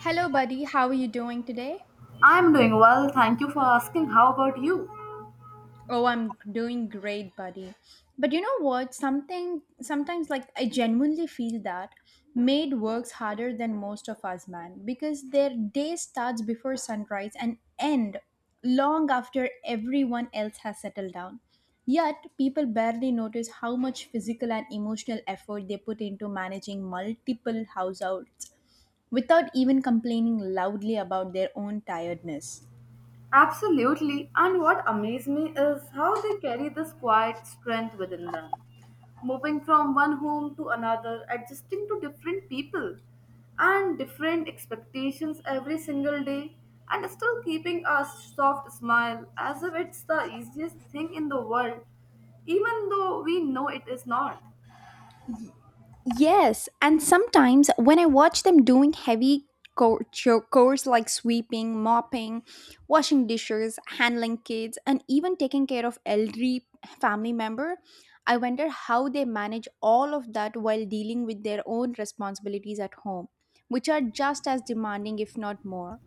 Hello, buddy. How are you doing today? I'm doing well, thank you for asking. How about you? Oh, I'm doing great, buddy. But you know what? Something sometimes, like, I genuinely feel that maid works harder than most of us, man, because their day starts before sunrise and end long after everyone else has settled down. Yet, people barely notice how much physical and emotional effort they put into managing multiple households without even complaining loudly about their own tiredness. Absolutely. And what amazed me is how they carry this quiet strength within them, moving from one home to another, adjusting to different people and different expectations every single day, and still keeping a soft smile as if it's the easiest thing in the world, even though we know it is not. Yes, and sometimes when I watch them doing heavy chores like sweeping, mopping, washing dishes, handling kids, and even taking care of elderly family member, I wonder how they manage all of that while dealing with their own responsibilities at home, which are just as demanding if not more.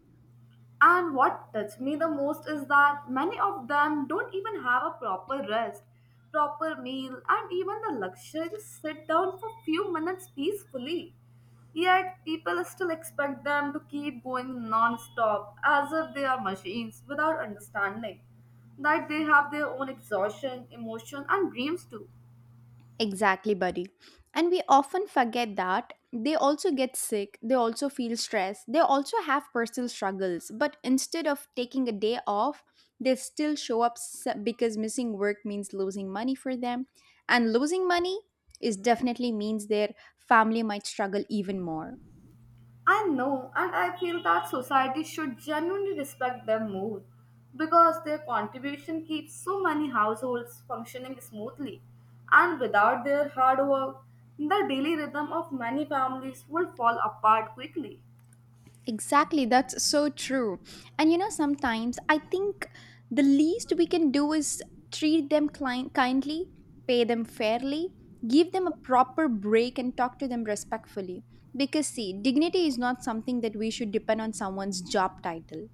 And what touched me the most is that many of them don't even have a proper rest, proper meal, and even the luxury to sit down for few minutes peacefully. Yet people still expect them to keep going non-stop as if they are machines without understanding that they have their own exhaustion, emotion, and dreams too. Exactly, buddy. And we often forget that they also get sick, they also feel stressed, they also have personal struggles. But instead of taking a day off, they still show up because missing work means losing money for them. And losing money is definitely means their family might struggle even more. I know, and I feel that society should genuinely respect them more because their contribution keeps so many households functioning smoothly. And without their hard work, the daily rhythm of many families would fall apart quickly. Exactly, that's so true. And you know, sometimes I think the least we can do is treat them client kindly, pay them fairly, give them a proper break, and talk to them respectfully. Because, see, dignity is not something that we should depend on someone's job title.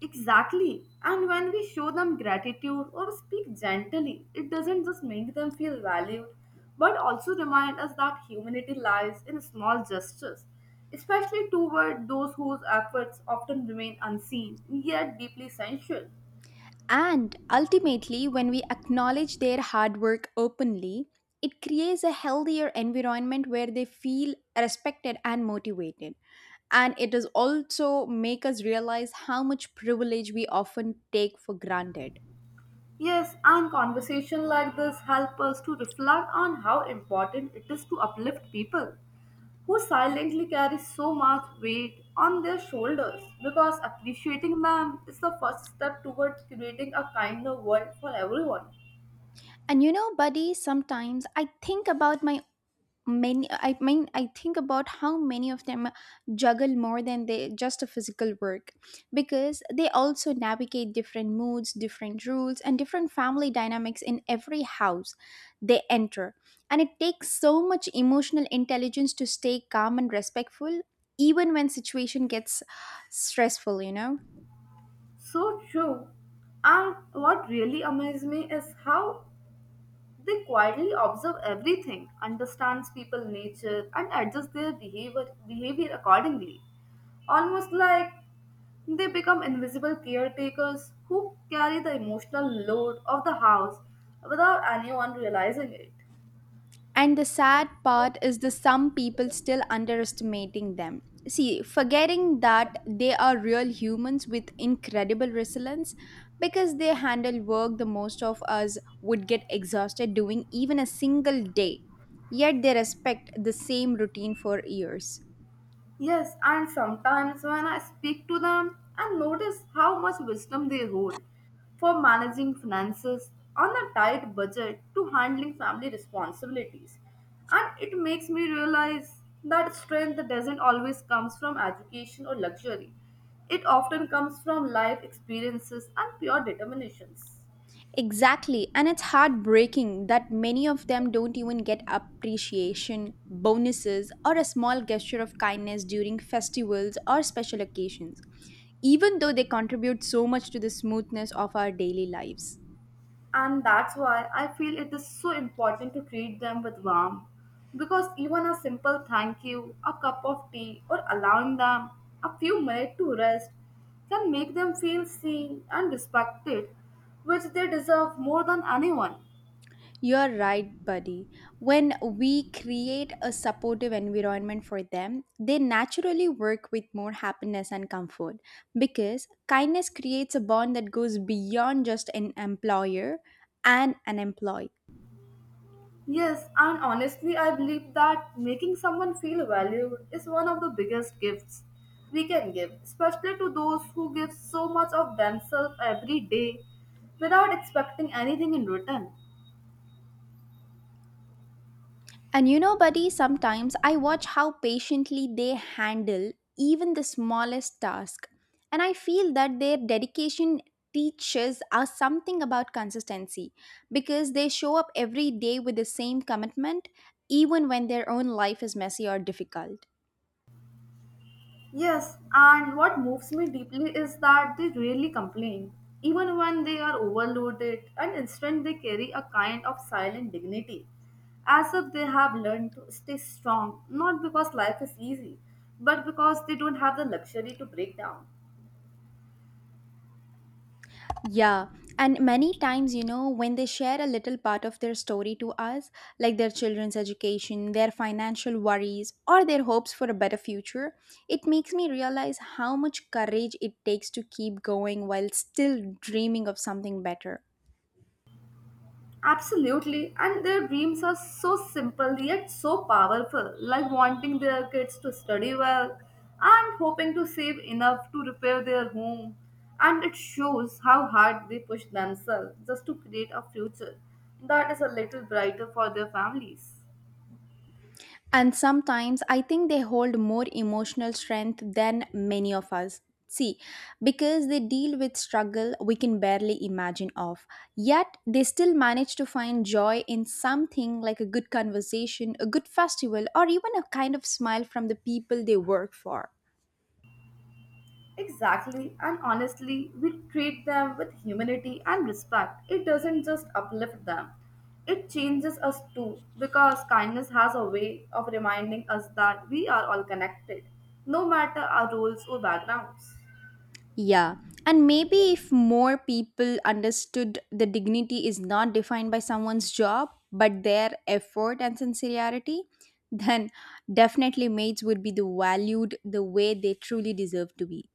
Exactly. And when we show them gratitude or speak gently, it doesn't just make them feel valued, but also remind us that humanity lies in small gestures, especially toward those whose efforts often remain unseen yet deeply sensual. And ultimately, when we acknowledge their hard work openly, it creates a healthier environment where they feel respected and motivated. And it does also make us realize how much privilege we often take for granted. Yes, and conversation like this help us to reflect on how important it is to uplift people who silently carry so much weight on their shoulders because appreciating them is the first step towards creating a kinder world for everyone. And you know, buddy, sometimes I think about my many I mean I think about how many of them juggle more than they just a physical work, because they also navigate different moods, different rules, and different family dynamics in every house they enter. And it takes so much emotional intelligence to stay calm and respectful even when situation gets stressful, you know. So true. And what really amazes me is how they quietly observe everything, understands people nature, and adjust their behavior accordingly. Almost like they become invisible caretakers who carry the emotional load of the house without anyone realizing it. And the sad part is the some people still underestimating them. See, forgetting that they are real humans with incredible resilience because they handle work the most of us would get exhausted doing even a single day. Yet they respect the same routine for years. Yes, and sometimes when I speak to them I notice how much wisdom they hold for managing finances on a tight budget to handling family responsibilities. And it makes me realize that strength doesn't always comes from education or luxury. It often comes from life experiences and pure determinations. Exactly, and it's heartbreaking that many of them don't even get appreciation, bonuses, or a small gesture of kindness during festivals or special occasions, even though they contribute so much to the smoothness of our daily lives. And that's why I feel it is so important to treat them with warmth. Because even a simple thank you, a cup of tea, or allowing them a few minutes to rest can make them feel seen and respected, which they deserve more than anyone. You're right, buddy. When we create a supportive environment for them, they naturally work with more happiness and comfort, because kindness creates a bond that goes beyond just an employer and an employee. Yes, and honestly, I believe that making someone feel valued is one of the biggest gifts we can give, especially to those who give so much of themselves every day without expecting anything in return. And you know, buddy, sometimes I watch how patiently they handle even the smallest task. And I feel that their dedication teaches us something about consistency, because they show up every day with the same commitment, even when their own life is messy or difficult. Yes, and what moves me deeply is that they rarely complain. Even when they are overloaded, and instead they carry a kind of silent dignity, as if they have learned to stay strong, not because life is easy, but because they don't have the luxury to break down. Yeah, and many times, you know, when they share a little part of their story to us, like their children's education, their financial worries, or their hopes for a better future, it makes me realize how much courage it takes to keep going while still dreaming of something better. Absolutely, and their dreams are so simple yet so powerful, like wanting their kids to study well and hoping to save enough to repair their home. And it shows how hard they push themselves just to create a future that is a little brighter for their families. And sometimes I think they hold more emotional strength than many of us. See, because they deal with struggle we can barely imagine of. Yet they still manage to find joy in something like a good conversation, a good festival, or even a kind of smile from the people they work for. Exactly, and honestly, we treat them with humanity and respect. It doesn't just uplift them, it changes us too, because kindness has a way of reminding us that we are all connected, no matter our roles or backgrounds. Yeah. And maybe if more people understood the dignity is not defined by someone's job, but their effort and sincerity, then definitely maids would be the valued the way they truly deserve to be.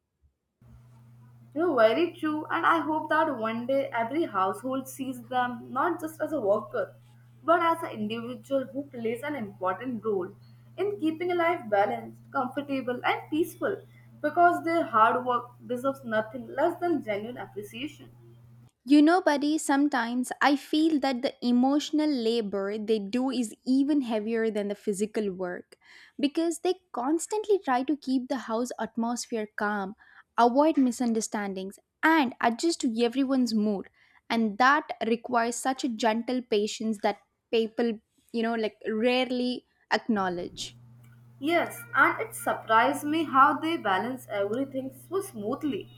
You know, very true, and I hope that one day every household sees them not just as a worker, but as an individual who plays an important role in keeping a life balanced, comfortable, and peaceful because their hard work deserves nothing less than genuine appreciation. You know, buddy, sometimes I feel that the emotional labor they do is even heavier than the physical work, because they constantly try to keep the house atmosphere calm, avoid misunderstandings, and adjust to everyone's mood. And that requires such a gentle patience that people, you know, like rarely acknowledge. Yes, and it surprised me how they balance everything so smoothly,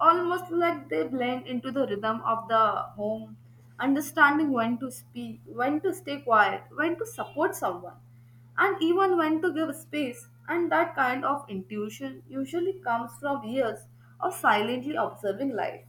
almost like they blend into the rhythm of the home, understanding when to speak, when to stay quiet, when to support someone, and even when to give space. And that kind of intuition usually comes from years of silently observing life.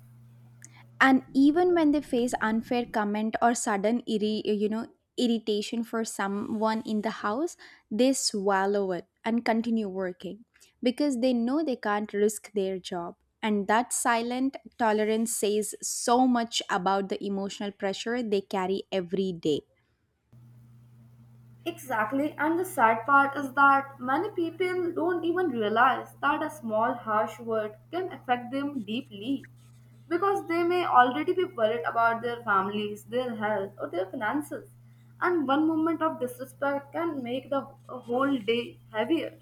And even when they face unfair comment or sudden irritation for someone in the house, they swallow it and continue working, because they know they can't risk their job. And that silent tolerance says so much about the emotional pressure they carry every day. Exactly, and the sad part is that many people don't even realize that a small harsh word can affect them deeply because they may already be worried about their families, their health, or their finances, and one moment of disrespect can make the whole day heavier.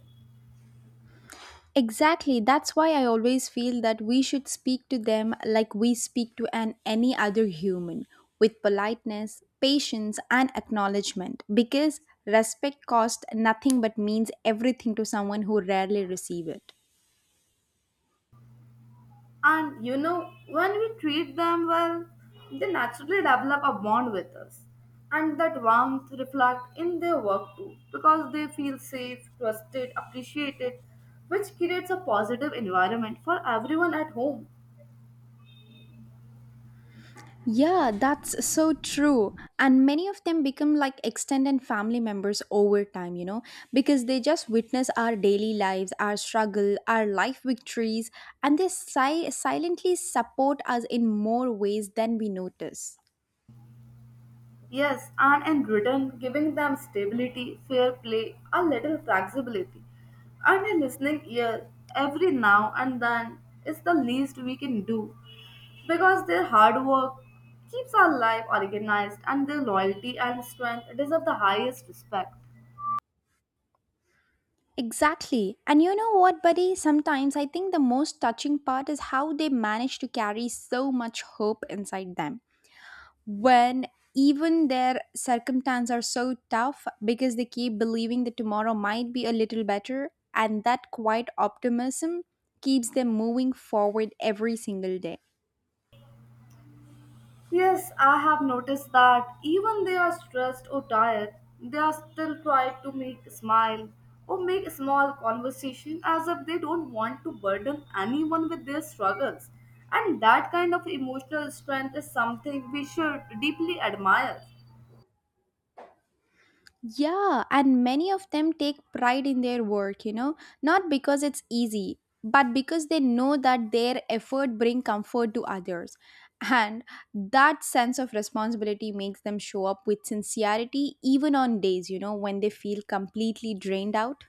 Exactly. That's why I always feel that we should speak to them like we speak to an any other human, with politeness, patience and acknowledgement, because respect costs nothing but means everything to someone who rarely receive it. And you know, when we treat them well, they naturally develop a bond with us. And that warmth reflects in their work too, because they feel safe, trusted, appreciated, which creates a positive environment for everyone at home. Yeah, that's so true. And many of them become like extended family members over time, you know, because they just witness our daily lives, our struggle, our life victories, and they silently support us in more ways than we notice. Yes, and in return, giving them stability, fair play, a little flexibility, and a listening ear every now and then is the least we can do because their hard work keeps our life organized and their loyalty and strength deserve the highest respect. Exactly. And you know what, buddy? Sometimes I think the most touching part is how they manage to carry so much hope inside them when even their circumstances are so tough, because they keep believing that tomorrow might be a little better. And that quiet optimism keeps them moving forward every single day. Yes, I have noticed that even they are stressed or tired, they are still trying to make smile or make small conversation as if they don't want to burden anyone with their struggles. And that kind of emotional strength is something we should deeply admire. Yeah, and many of them take pride in their work, you know, not because it's easy, but because they know that their effort bring comfort to others. And that sense of responsibility makes them show up with sincerity even on days, you know, when they feel completely drained out.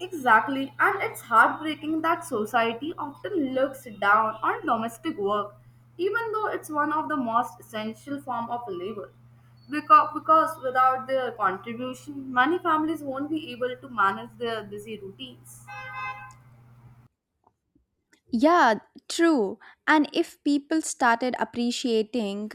Exactly, and it's heartbreaking that society often looks down on domestic work, even though it's one of the most essential form of labor. Because without their contribution, many families won't be able to manage their busy routines. Yeah, true. And if people started appreciating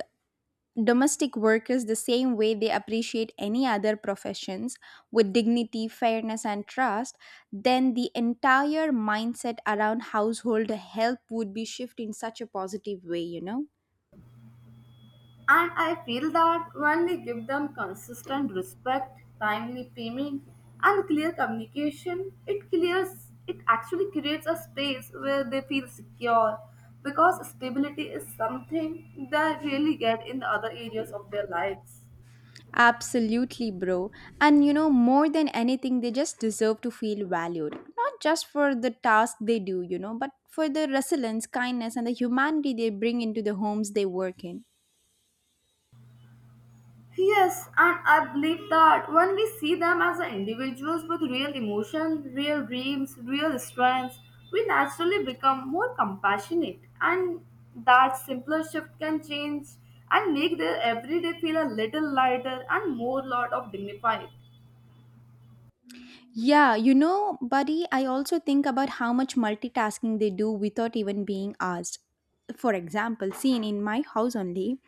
domestic workers the same way they appreciate any other professions, with dignity, fairness, and trust, then the entire mindset around household help would be shifted in such a positive way, you know? And I feel that when we give them consistent respect, timely payment, and clear communication, it clears it actually creates a space where they feel secure because stability is something they really get in the other areas of their lives. Absolutely, bro. And you know, more than anything, they just deserve to feel valued. Not just for the task they do, you know, but for the resilience, kindness, and the humanity they bring into the homes they work in. Yes, and I believe that when we see them as individuals with real emotion, real dreams, real strengths, we naturally become more compassionate, and that simpler shift can change and make their everyday feel a little lighter and more lot of dignified. Yeah, you know, buddy, I also think about how much multitasking they do without even being asked. For example, seen in my house only,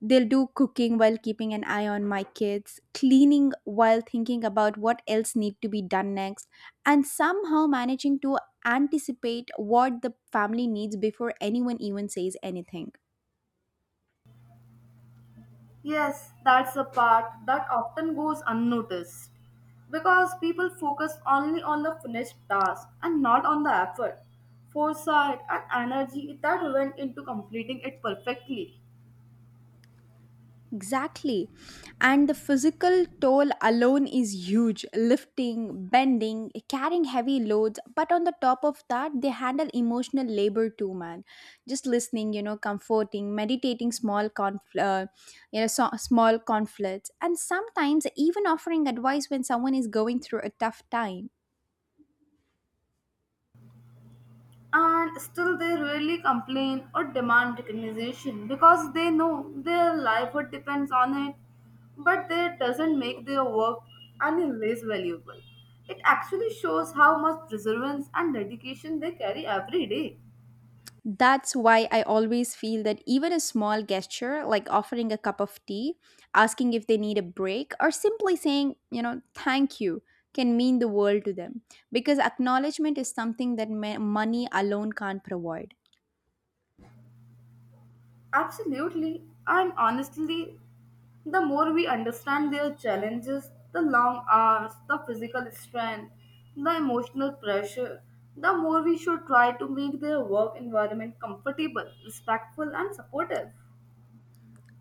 they'll do cooking while keeping an eye on my kids, cleaning while thinking about what else need to be done next, and somehow managing to anticipate what the family needs before anyone even says anything. Yes, that's the part that often goes unnoticed because people focus only on the finished task and not on the effort, foresight, and energy that went into completing it perfectly. Exactly. And the physical toll alone is huge lifting, bending, carrying heavy loads. But on the top of that, they handle emotional labor too, man. Just listening, you know, comforting, meditating small, small conflicts, and sometimes even offering advice when someone is going through a tough time. And still, they rarely complain or demand recognition because they know their livelihood depends on it, but that doesn't make their work any less valuable. It actually shows how much perseverance and dedication they carry every day. That's why I always feel that even a small gesture, like offering a cup of tea, asking if they need a break, or simply saying, you know, thank you, can mean the world to them. Because acknowledgement is something that money alone can't provide. Absolutely. And honestly, the more we understand their challenges, the long hours, the physical strain, the emotional pressure, the more we should try to make their work environment comfortable, respectful, and supportive.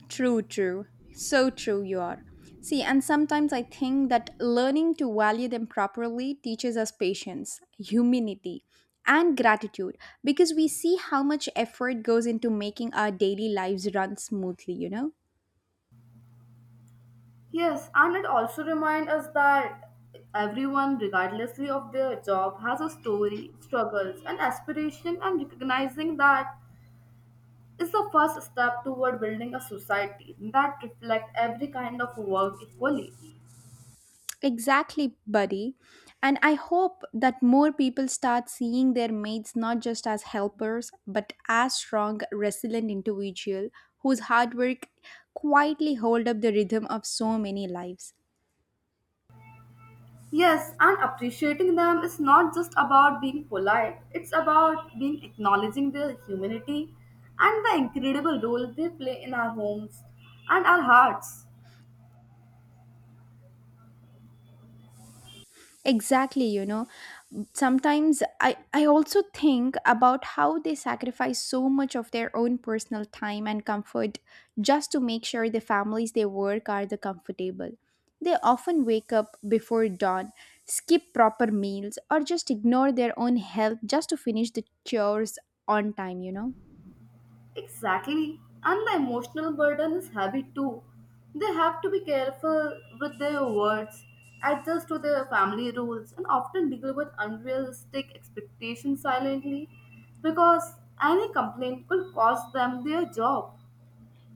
True, true. So true you are. See, and sometimes I think that learning to value them properly teaches us patience, humility, and gratitude, because we see how much effort goes into making our daily lives run smoothly, you know? Yes, and it also reminds us that everyone, regardlessly of their job, has a story, struggles, and aspiration, and recognizing that is the first step toward building a society that reflects every kind of work equally. Exactly, buddy. And I hope that more people start seeing their mates not just as helpers, but as strong, resilient individual whose hard work quietly hold up the rhythm of so many lives. Yes, and appreciating them is not just about being polite, it's about being acknowledging their humanity and the incredible role they play in our homes and our hearts. Exactly, you know. Sometimes I also think about how they sacrifice so much of their own personal time and comfort just to make sure the families they work are the comfortable. They often wake up before dawn, skip proper meals, or just ignore their own health just to finish the chores on time, you know. Exactly. And the emotional burden is heavy too. They have to be careful with their words, adjust to their family rules, and often deal with unrealistic expectations silently because any complaint could cost them their job.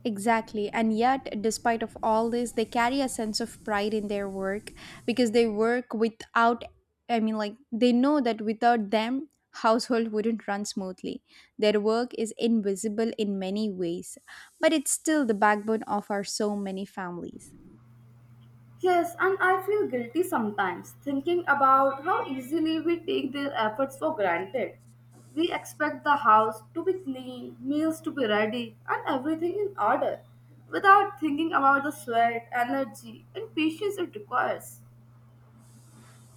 Exactly. And yet, despite of all this, they carry a sense of pride in their work, because they work without I mean like they know that without them household wouldn't run smoothly. Their work is invisible in many ways, but it's still the backbone of our so many families. Yes, and I feel guilty sometimes thinking about how easily we take their efforts for granted. We expect the house to be clean, meals to be ready, and everything in order without thinking about the sweat, energy, and patience it requires.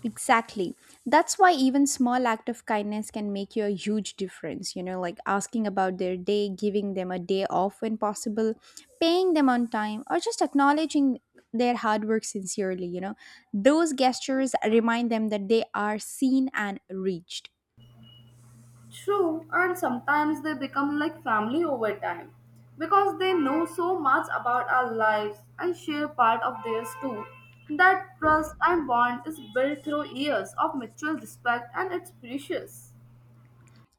Exactly. That's why even small act of kindness can make you a huge difference. You know, like asking about their day, giving them a day off when possible, paying them on time, or just acknowledging their hard work sincerely. You know, those gestures remind them that they are seen and reached. True, and sometimes they become like family over time because they know so much about our lives and share part of theirs too. That trust and bond is built through years of mutual respect and it's precious.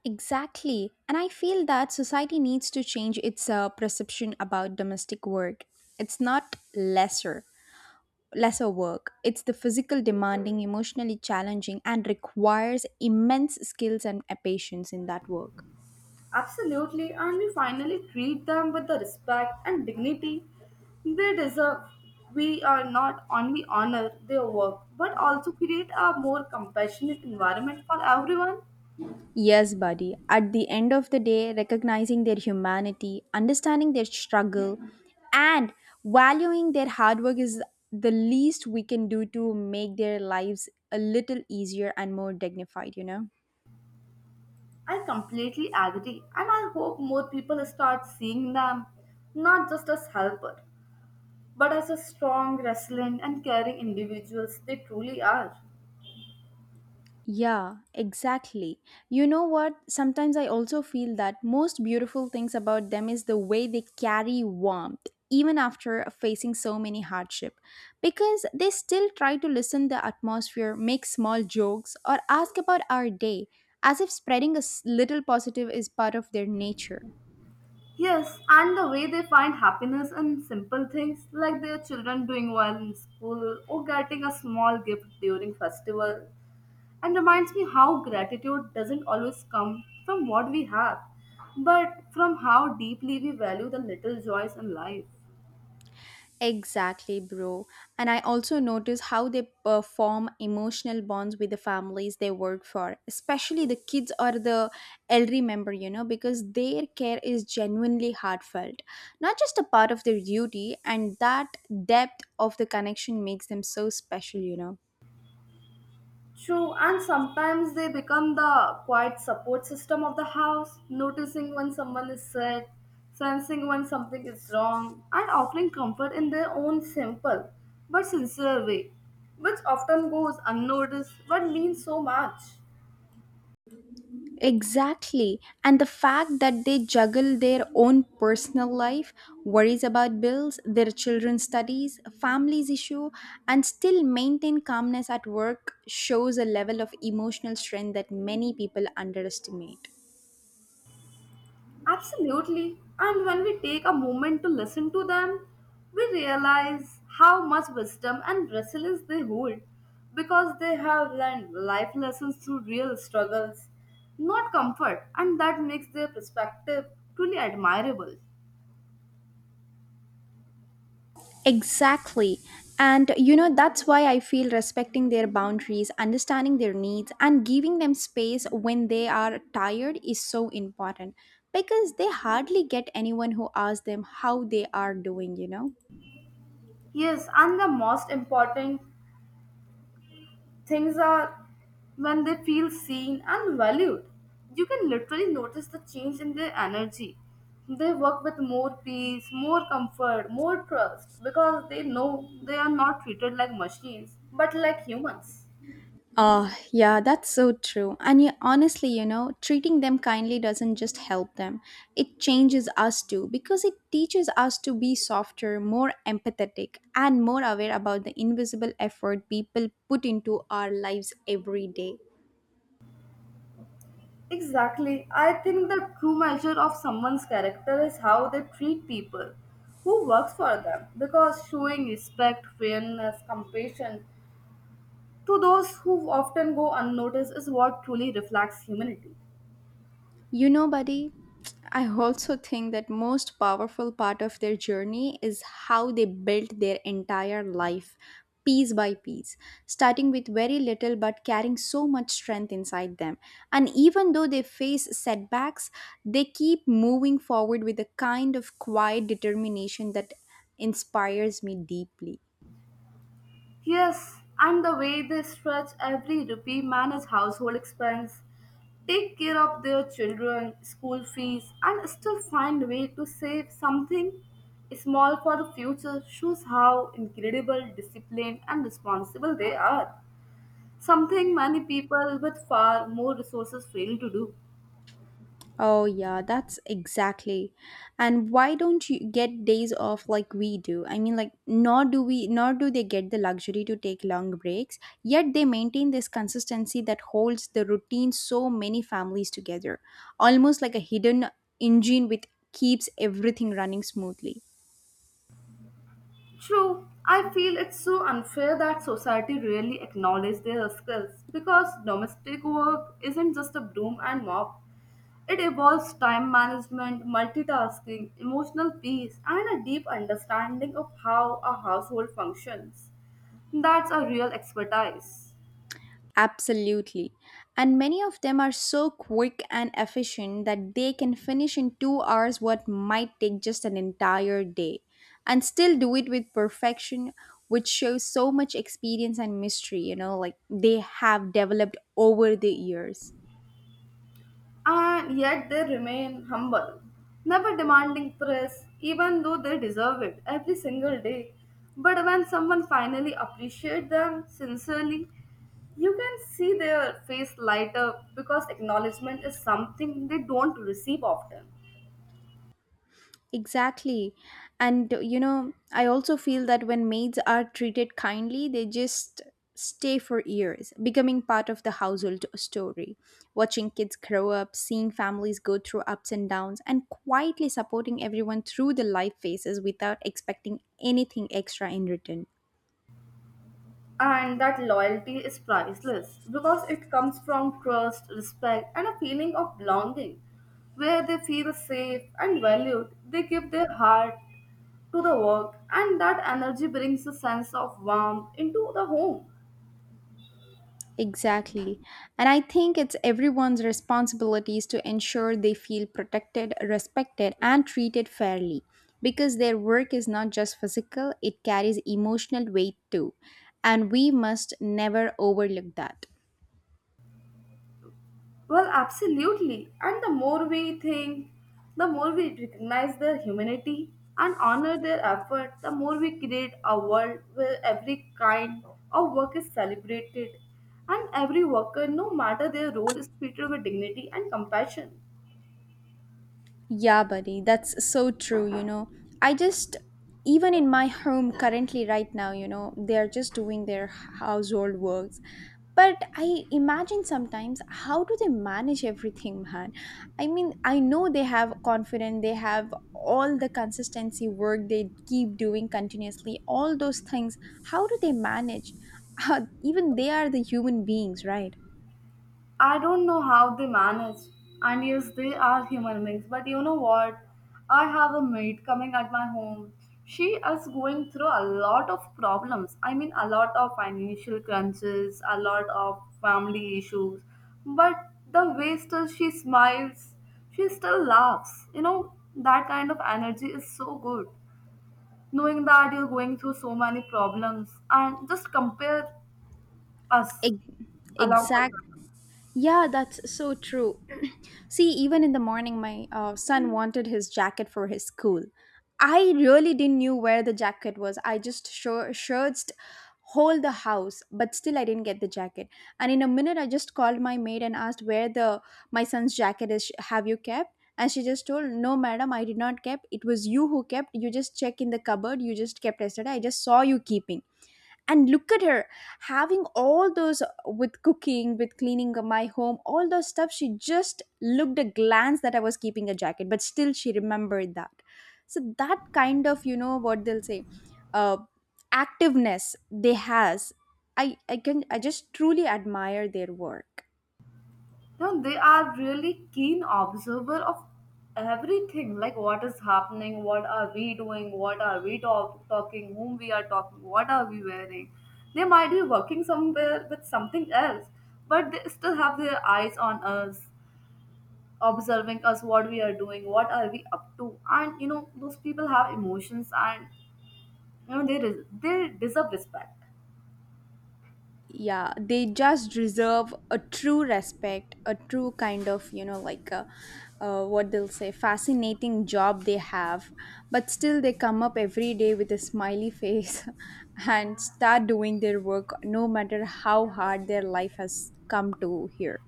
Exactly. And I feel that society needs to change its perception about domestic work. It's not lesser work. It's the physical demanding, emotionally challenging, and requires immense skills and patience in that work. Absolutely, and we finally treat them with the respect and dignity they deserve. We are not only honor their work but also create a more compassionate environment for everyone. Yes, buddy. At the end of the day, recognizing their humanity, understanding their struggle, and valuing their hard work is the least we can do to make their lives a little easier and more dignified, you know? I completely agree, and I hope more people start seeing them not just as helper, but as a strong, resilient, and caring individuals they truly are. Yeah, exactly. You know what? Sometimes I also feel that most beautiful things about them is the way they carry warmth even after facing so many hardship, because they still try to listen the atmosphere, make small jokes or ask about our day as if spreading a little positive is part of their nature. Yes, and the way they find happiness in simple things like their children doing well in school or getting a small gift during festival and reminds me how gratitude doesn't always come from what we have, but from how deeply we value the little joys in life. Exactly, bro. And I also notice how they perform emotional bonds with the families they work for, especially the kids or the elderly member, you know, because their care is genuinely heartfelt, not just a part of their duty, and that depth of the connection makes them so special, you know. True, and sometimes they become the quiet support system of the house, noticing when someone is sick, sensing when something is wrong, and offering comfort in their own simple but sincere way, which often goes unnoticed but means so much. Exactly. And the fact that they juggle their own personal life, worries about bills, their children's studies, family's issue, and still maintain calmness at work shows a level of emotional strength that many people underestimate. Absolutely. And when we take a moment to listen to them, we realize how much wisdom and resilience they hold because they have learned life lessons through real struggles, not comfort, and that makes their perspective truly admirable. Exactly. And you know, that's why I feel respecting their boundaries, understanding their needs, and giving them space when they are tired is so important because they hardly get anyone who asks them how they are doing, you know? Yes, and the most important things are when they feel seen and valued. You can literally notice the change in their energy. They work with more peace, more comfort, more trust because they know they are not treated like machines but like humans. Yeah, that's so true. And you, honestly, you know, treating them kindly doesn't just help them, it changes us too because it teaches us to be softer, more empathetic, and more aware about the invisible effort people put into our lives every day. Exactly. I think the true measure of someone's character is how they treat people who works for them because showing respect, fairness, compassion to those who often go unnoticed is what truly reflects humanity. You know, buddy, I also think that most powerful part of their journey is how they built their entire life piece by piece, starting with very little but carrying so much strength inside them. And even though they face setbacks, they keep moving forward with a kind of quiet determination that inspires me deeply. Yes, and the way they stretch every rupee, manage household expense, take care of their children, school fees, and still find a way to save something small for the future shows how incredible, disciplined, and responsible they are. Something many people with far more resources fail to do. Oh, yeah, that's exactly. And why don't you get days off like we do? I mean, like, nor do we, nor do they get the luxury to take long breaks, yet they maintain this consistency that holds the routine so many families together, almost like a hidden engine which keeps everything running smoothly. True, I feel it's so unfair that society rarely acknowledges their skills because domestic work isn't just a broom and mop. It involves time management, multitasking, emotional peace, and a deep understanding of how a household functions. That's a real expertise. Absolutely. And many of them are so quick and efficient that they can finish in 2 hours what might take just an entire day and still do it with perfection, which shows so much experience and mystery, you know, like they have developed over the years. And yet they remain humble, never demanding praise, even though they deserve it every single day. But when someone finally appreciates them sincerely, you can see their face light up because acknowledgement is something they don't receive often. Exactly. And you know, I also feel that when maids are treated kindly, they just stay for years, becoming part of the household story, watching kids grow up, seeing families go through ups and downs, and quietly supporting everyone through the life phases without expecting anything extra in return. And that loyalty is priceless because it comes from trust, respect, and a feeling of belonging. Where they feel safe and valued, they give their heart to the work, and that energy brings a sense of warmth into the home. Exactly. And I think it's everyone's responsibilities to ensure they feel protected, respected, and treated fairly because their work is not just physical, it carries emotional weight too. And we must never overlook that. Well, absolutely. And the more we think, the more we recognize their humanity and honor their effort, the more we create a world where every kind of work is celebrated and every worker, no matter their role, is treated with dignity and compassion. Yeah, buddy, that's so true. You know, I just, even in my home currently, right now, you know, they're just doing their household works. But I imagine sometimes how do they manage everything, man? I mean, I know they have confidence, they have all the consistency work they keep doing continuously, all those things. How do they manage? Even they are the human beings, right? I don't know how they manage. And yes, they are human beings. But you know what? I have a maid coming at my home. She is going through a lot of problems. I mean, a lot of financial crunches, a lot of family issues. But the way still she smiles, she still laughs. You know, that kind of energy is so good. Knowing that you're going through so many problems and just compare us Ex- along with Exact. her. Yeah, that's so true. See, even in the morning, my son wanted his jacket for his school. I really didn't knew where the jacket was. I just sure searched whole the house, but still I didn't get the jacket. And in a minute, I just called my maid and asked where the my son's jacket is. Have you kept? And she just told, "No, madam, I did not kept. It was you who kept. You just check in the cupboard. You just kept yesterday. I just saw you keeping." And look at her, having all those, with cooking, with cleaning my home, all those stuff, she just looked a glance that I was keeping a jacket, but still she remembered that. So that kind of, you know, what they'll say, uh, activeness they has. I can I just truly admire their work. No, they are really keen observer of everything, like what is happening, what are we doing, what are we talking, whom we are talking, what are we wearing. They might be working somewhere with something else, but they still have their eyes on us, observing us, what we are doing, what are we up to, and you know those people have emotions, and you know they deserve respect, Yeah, they just deserve a true respect, a true kind of, you know, like a, what they'll say, fascinating job they have, but still they come up every day with a smiley face and start doing their work, no matter how hard their life has come to here.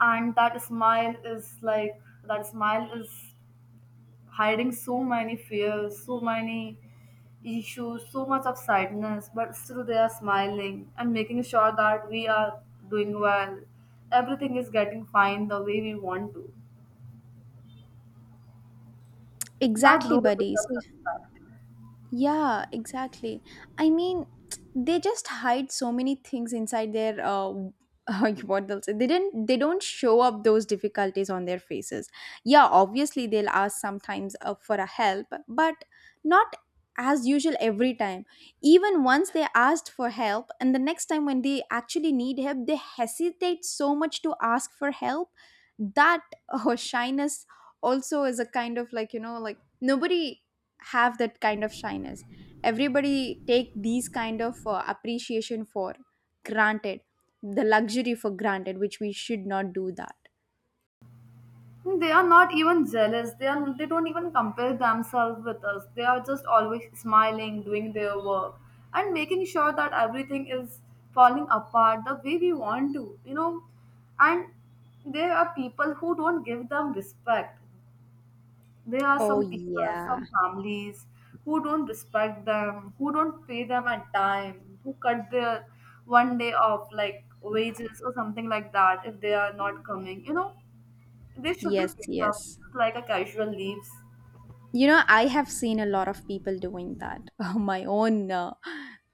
and that smile is like that smile is hiding so many fears, so many issues, so much of sadness, but still they are smiling and making sure that we are doing well. Everything is getting fine the way we want to. That Exactly, role is buddy, a so. success. Yeah, exactly. I mean, they just hide so many things inside their what they'll say. They didn't. They don't show up those difficulties on their faces. Yeah, obviously they'll ask sometimes for a help, but not as usual every time. Even once they asked for help, and the next time when they actually need help, they hesitate so much to ask for help. That shyness also is a kind of, like, you know, like, nobody have that kind of shyness. Everybody take these kind of appreciation for granted, the luxury for granted, which we should not do that. Hmm. They are not even jealous. They don't even compare themselves with us. They are just always smiling, doing their work, and making sure that everything is falling apart the way we want to, you know. And there are people who don't give them respect. There are Oh, some people, yeah. some families who don't respect them, who don't pay them at time, who cut their one day off like wages or something like that if they are not coming, you know they should be Yes, picked up yes, like a casual leaves. you know, I have seen a lot of people doing that. My own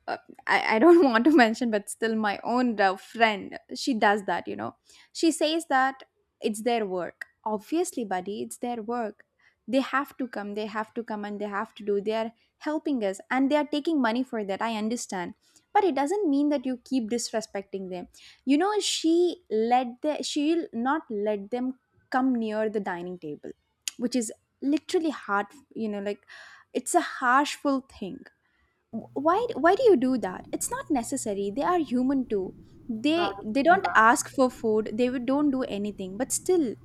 uh, I don't want to mention, but still my own friend, she does that, you know. She says that it's their work. Obviously, buddy, it's their work, they have to come, they have to come and they have to do. They are helping us and they are taking money for that, I understand, but it doesn't mean that you keep disrespecting them. You know, she'll not let them come near the dining table, which is literally hard. You know, like, it's a harshful thing. Why do you do that? It's not necessary, they are human too. That they is they really don't bad. ask for food, they don't do anything, but still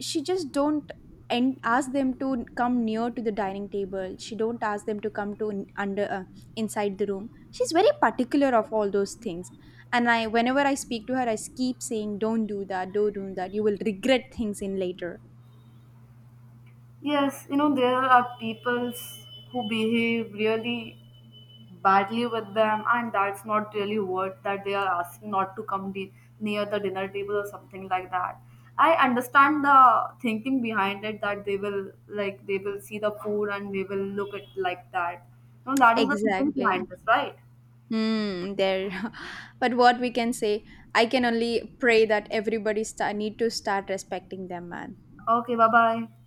she just don't. And ask them to come near to the dining table, she don't ask them to come to under, inside the room, she's very particular of all those things. And I, whenever I speak to her, I keep saying don't do that, don't do that, you will regret things in later. Yes, you know, there are people who behave really badly with them, and that's not really worth that they are asking not to come near the dinner table or something like that. I understand the thinking behind it that they will like they will see the food and they will look at like that. You know, that is the thinking Exactly. behind this, right? Hmm, there. But what we can say, I can only pray that everybody sta need to start respecting them, man. Okay, bye bye.